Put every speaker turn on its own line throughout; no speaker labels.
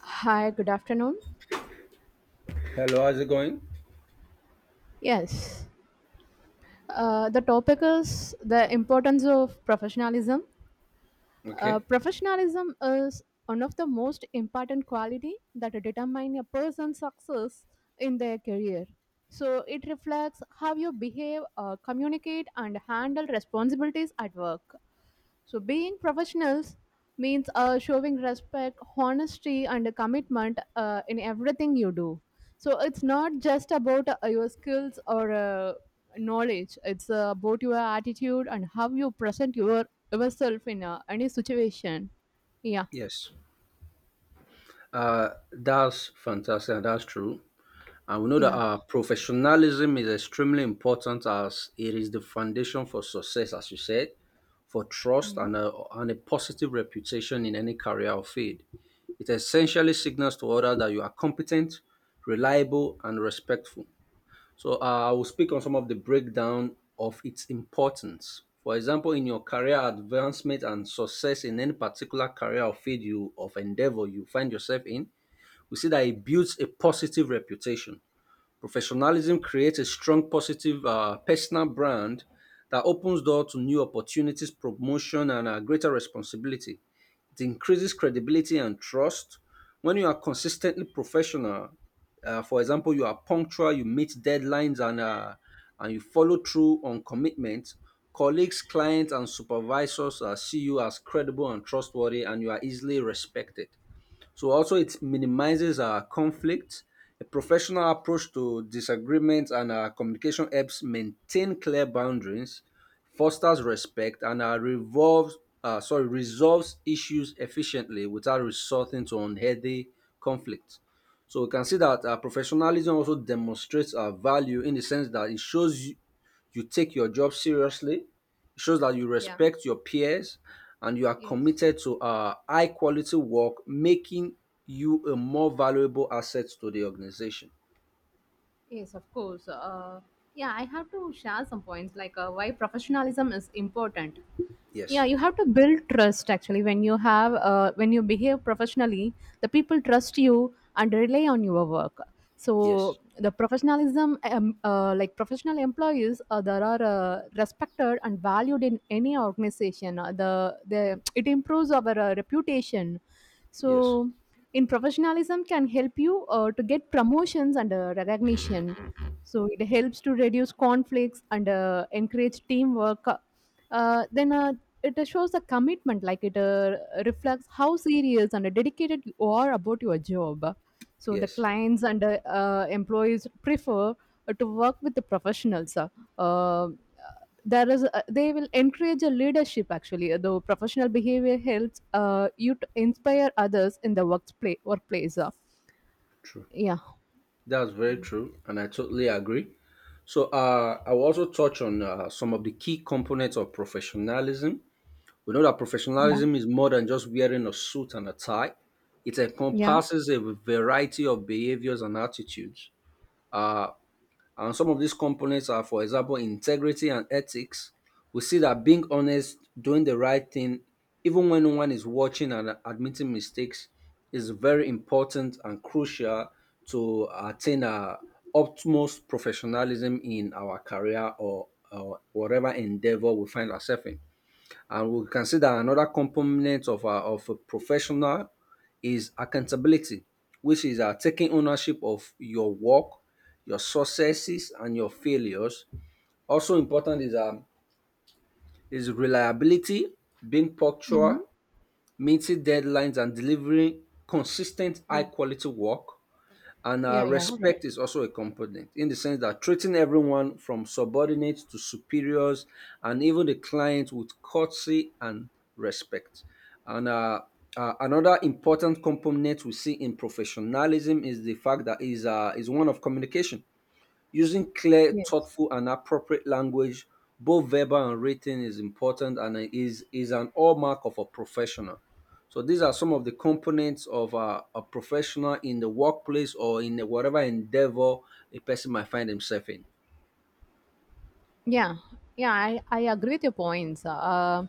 Hi, good afternoon.
Hello, how's it going?
Yes, the topic is the importance of professionalism.
Okay.
Professionalism is one of the most important quality that determine a person's success in their career. So it reflects how you behave, communicate, and handle responsibilities at work. So, being professionals means showing respect, honesty, and commitment in everything you do. So, it's not just about your skills or knowledge, it's about your attitude and how you present yourself in any situation. Yeah,
Yes. That's fantastic. And That's true. And we know that
yeah.
our professionalism is extremely important as it is the foundation for success, as you said, for trust
hmm
and a positive reputation in any career or field. It essentially signals to others that you are competent, reliable, and respectful. So I will speak on some of the breakdown of its importance. For example, in your career advancement and success in any particular career or field you of endeavor you find yourself in, we see that it builds a positive reputation. Professionalism creates a strong positive personal brand that opens door to new opportunities, promotion, and greater responsibility. It increases credibility and trust. When you are consistently professional, for example, you are punctual, you meet deadlines, and you follow through on commitments. Colleagues, clients, and supervisors see you as credible and trustworthy, and you are easily respected. So also it minimizes our conflict. A professional approach to disagreements and our communication helps maintain clear boundaries, fosters respect, and resolves issues efficiently without resorting to unhealthy conflict. So we can see that professionalism also demonstrates our value in the sense that you take your job seriously, it shows that you
Yeah.
respect your peers, and you are
Yes.
committed to high quality work, making you a more valuable asset to the organization.
Yes, of course. Yeah, I have to share some points like why professionalism is important. Yeah,
Yes,
you have to build trust actually when you have when you behave professionally, the people trust you and rely on your work. So
yes,
the professionalism, like professional employees that are respected and valued in any organization, the it improves our reputation. So
yes,
in professionalism can help you to get promotions and recognition. So it helps to reduce conflicts and encourage teamwork. Then It shows a commitment, like it reflects how serious and dedicated you are about your job. So the
yes.
clients and employees prefer to work with the professionals. Uh, there is they will encourage a leadership. Actually the professional behavior helps you to inspire others in the workplace.
True.
Yeah.
That's very true, and I totally agree. So I will also touch on some of the key components of professionalism. We know that
Yeah.
professionalism is more than just wearing a suit and a tie. It
Yeah.
encompasses a variety of behaviors and attitudes. Uh, And some of these components are, for example, integrity and ethics. We see that being honest, doing the right thing, even when no one is watching and admitting mistakes, is very important and crucial to attain our utmost professionalism in our career or whatever endeavor we find ourselves in. And we can see that another component of a professional is accountability, which is taking ownership of your work, your successes, and your failures. Also important is reliability, being
hmm
punctual, meeting deadlines, and delivering consistent
Yeah.
high quality work. And
Yeah, yeah.
respect is also a component in the sense that treating everyone from subordinates to superiors and even the client with courtesy and respect. And another important component we see in professionalism is the fact that is one of communication. Using clear,
Yes.
thoughtful, and appropriate language, both verbal and written, is important and is an hallmark of a professional. So these are some of the components of a professional in the workplace or in whatever endeavor a person might find himself in.
Yeah. Yeah, I agree with your points. uh,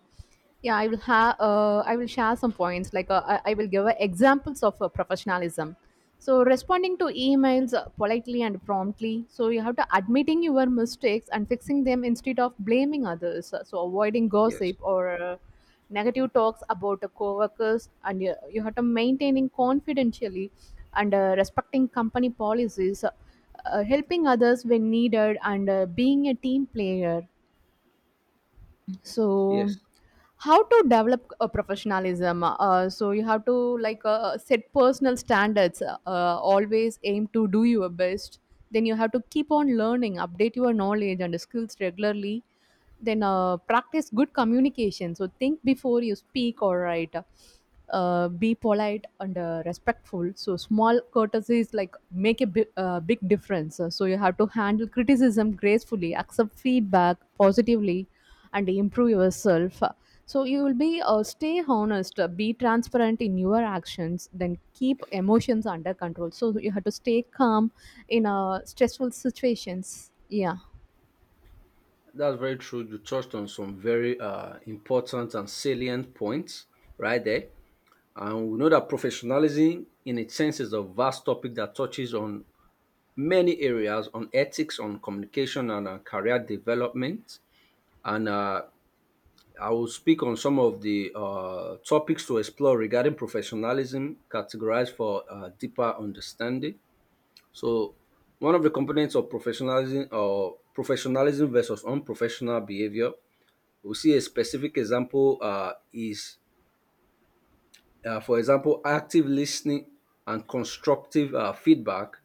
yeah i will have uh, I will share some points like, I will give examples of professionalism. So responding to emails politely and promptly. So you have to admitting your mistakes and fixing them instead of blaming others. So avoiding
Yes.
gossip or uh, negative talks about the coworkers. And you have to maintaining confidentially and respecting company policies, helping others when needed, and being a team player.
Yes.
So how to develop a professionalism? So you have to like, set personal standards, always aim to do your best. Then you have to keep on learning, update your knowledge and skills regularly. Then practice good communication, so think before you speak, all right? Be polite and respectful. So small courtesies like make a big difference. So you have to handle criticism gracefully, accept feedback positively and improve yourself. So you will be, stay honest, be transparent in your actions, then keep emotions under control. So you have to stay calm in stressful situations. Yeah.
That's very true. You touched on some very important and salient points right there. And we know that professionalism, in its sense, is a vast topic that touches on many areas on ethics, on communication, and career development. And I will speak on some of the topics to explore regarding professionalism, categorized for deeper understanding. So, one of the components of professionalism or professionalism versus unprofessional behavior, we see a specific example for example, active listening and constructive feedback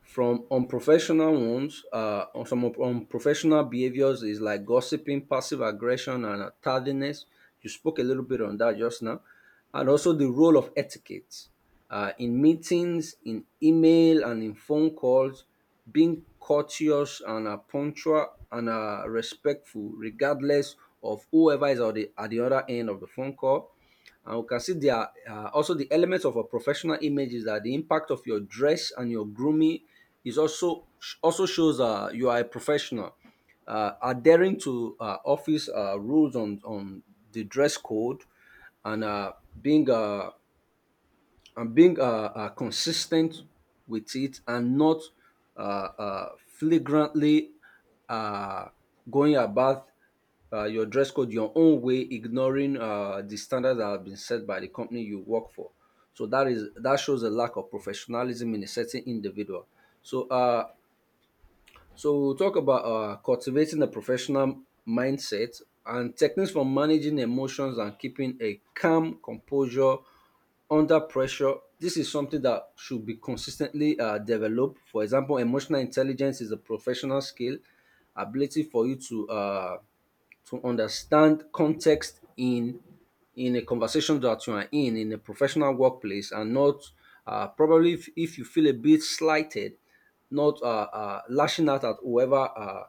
from unprofessional ones on some of unprofessional behaviors is like gossiping, passive aggression, and tardiness. You spoke a little bit on that just now, and also the role of etiquette in meetings, in email, and in phone calls, being courteous and punctual and respectful regardless of whoever is at at the other end of the phone call. And we can see there are also the elements of a professional image is that the impact of your dress and your grooming is also shows you are a professional. Adhering to office rules on the dress code and being uh, being consistent with it and not uh, uh, flagrantly uh, going about your dress code your own way, ignoring the standards that have been set by the company you work for. So that shows a lack of professionalism in a certain individual. So uh, so we'll talk about cultivating a professional mindset and techniques for managing emotions and keeping a calm composure under pressure. This is something that should be consistently developed. For example, emotional intelligence is a professional skill, ability for you to understand context in a conversation that you are in a professional workplace, and not probably if you feel a bit slighted, not lashing out at whoever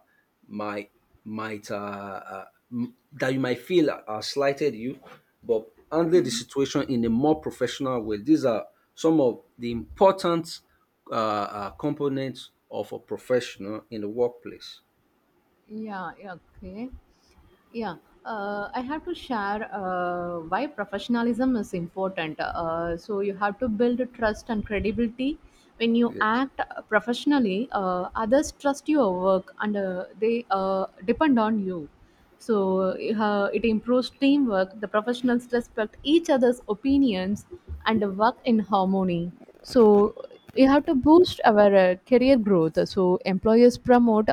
might might that you might feel slighted, you but handle the situation in a more professional way. These are some of the important components of a professional in the workplace.
Yeah, yeah, okay. Yeah, I have to share why professionalism is important. So you have to build trust and credibility. When you
Yes,
act professionally, others trust your work and they depend on you. So it improves teamwork. The professionals respect each other's opinions and work in harmony. So you have to boost our career growth. So employers promote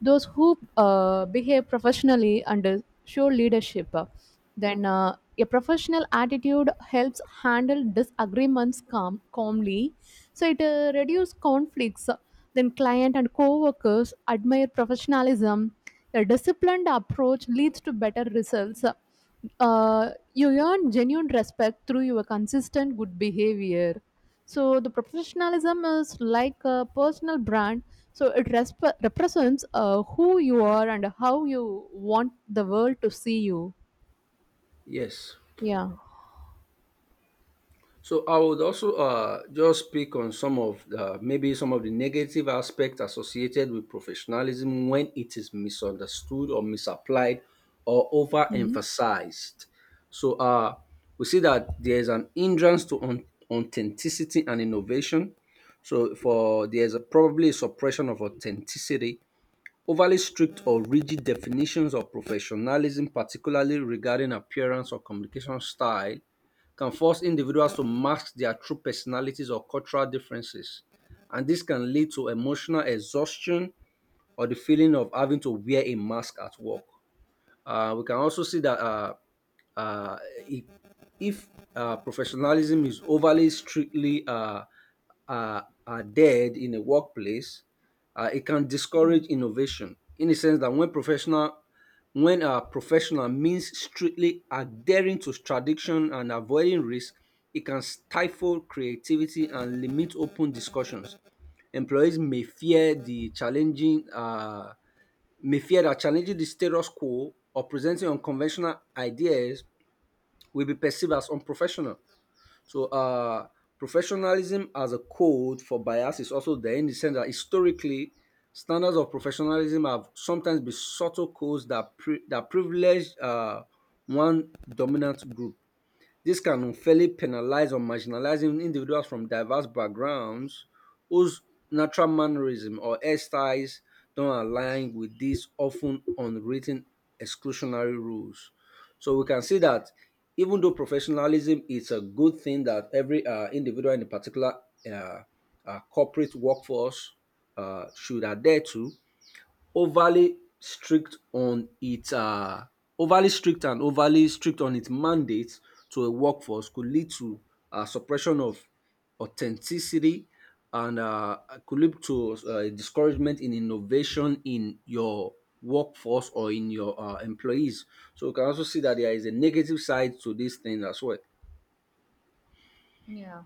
those who behave professionally under show leadership. Then A professional attitude helps handle disagreements calmly. So it reduces conflicts. Then client and co-workers admire professionalism. A disciplined approach leads to better results. You earn genuine respect through your consistent good behavior. So the professionalism is like a personal brand. So it represents who you are and how you want the world to see you.
yes.
Yeah.
So I would also just speak on some of the, maybe some of the negative aspects associated with professionalism when it is misunderstood or misapplied or
hmm
overemphasized. So we see that there is an hindrance authenticity and innovation. So for there's a, probably a suppression of authenticity. Overly strict or rigid definitions of professionalism, particularly regarding appearance or communication style, can force individuals to mask their true personalities or cultural differences, and this can lead to emotional exhaustion or the feeling of having to wear a mask at work. We can also see that uh, i- if professionalism is overly strictly uh, adhered in a workplace, it can discourage innovation in the sense that when professional means strictly adhering to tradition and avoiding risk, it can stifle creativity and limit open discussions. Employees may fear that challenging the status quo or presenting unconventional ideas will be perceived as unprofessional. So, professionalism as a code for bias is also there in the sense that historically, standards of professionalism have sometimes been subtle codes that privilege one dominant group. This can unfairly penalize or marginalize individuals from diverse backgrounds whose natural mannerism or hairstyles don't align with these often unwritten exclusionary rules. So we can see that even though professionalism is a good thing that every individual in a particular uh, corporate workforce should adhere to, overly strict on its um overly strict on its mandate to a workforce could lead to suppression of authenticity and could lead to discouragement in innovation in your workforce or in your employees. So you can also see that there is a negative side to this thing as well.
Yeah.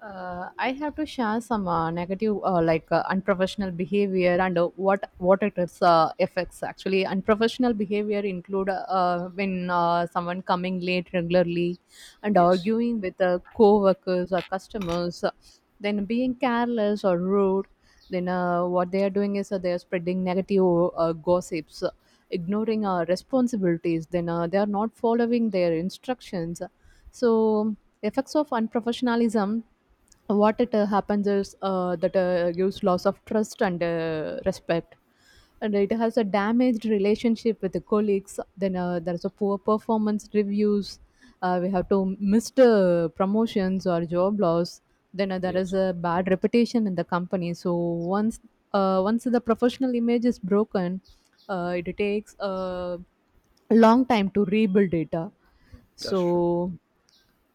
I have to share some negative, like unprofessional behavior and what it is affects. Actually, unprofessional behavior include when someone coming late regularly and
Yes,
arguing with co-workers or customers, then being careless or rude. Then what they are doing is they are spreading negative gossips, ignoring responsibilities. Then they are not following their instructions. So effects of unprofessionalism, what it happens is that gives loss of trust and respect, and it has a damaged relationship with the colleagues. Then there's a poor performance reviews. We have to missed promotions or job loss. Then there
yes,
is a bad reputation in the company. So once once the professional image is broken, it takes a long time to rebuild it.
that's true.
So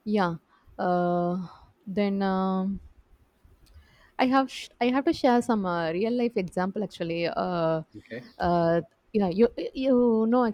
yeah. Uh, then I have sh- I have to share some real life example actually.
Okay.
Uh, yeah, you know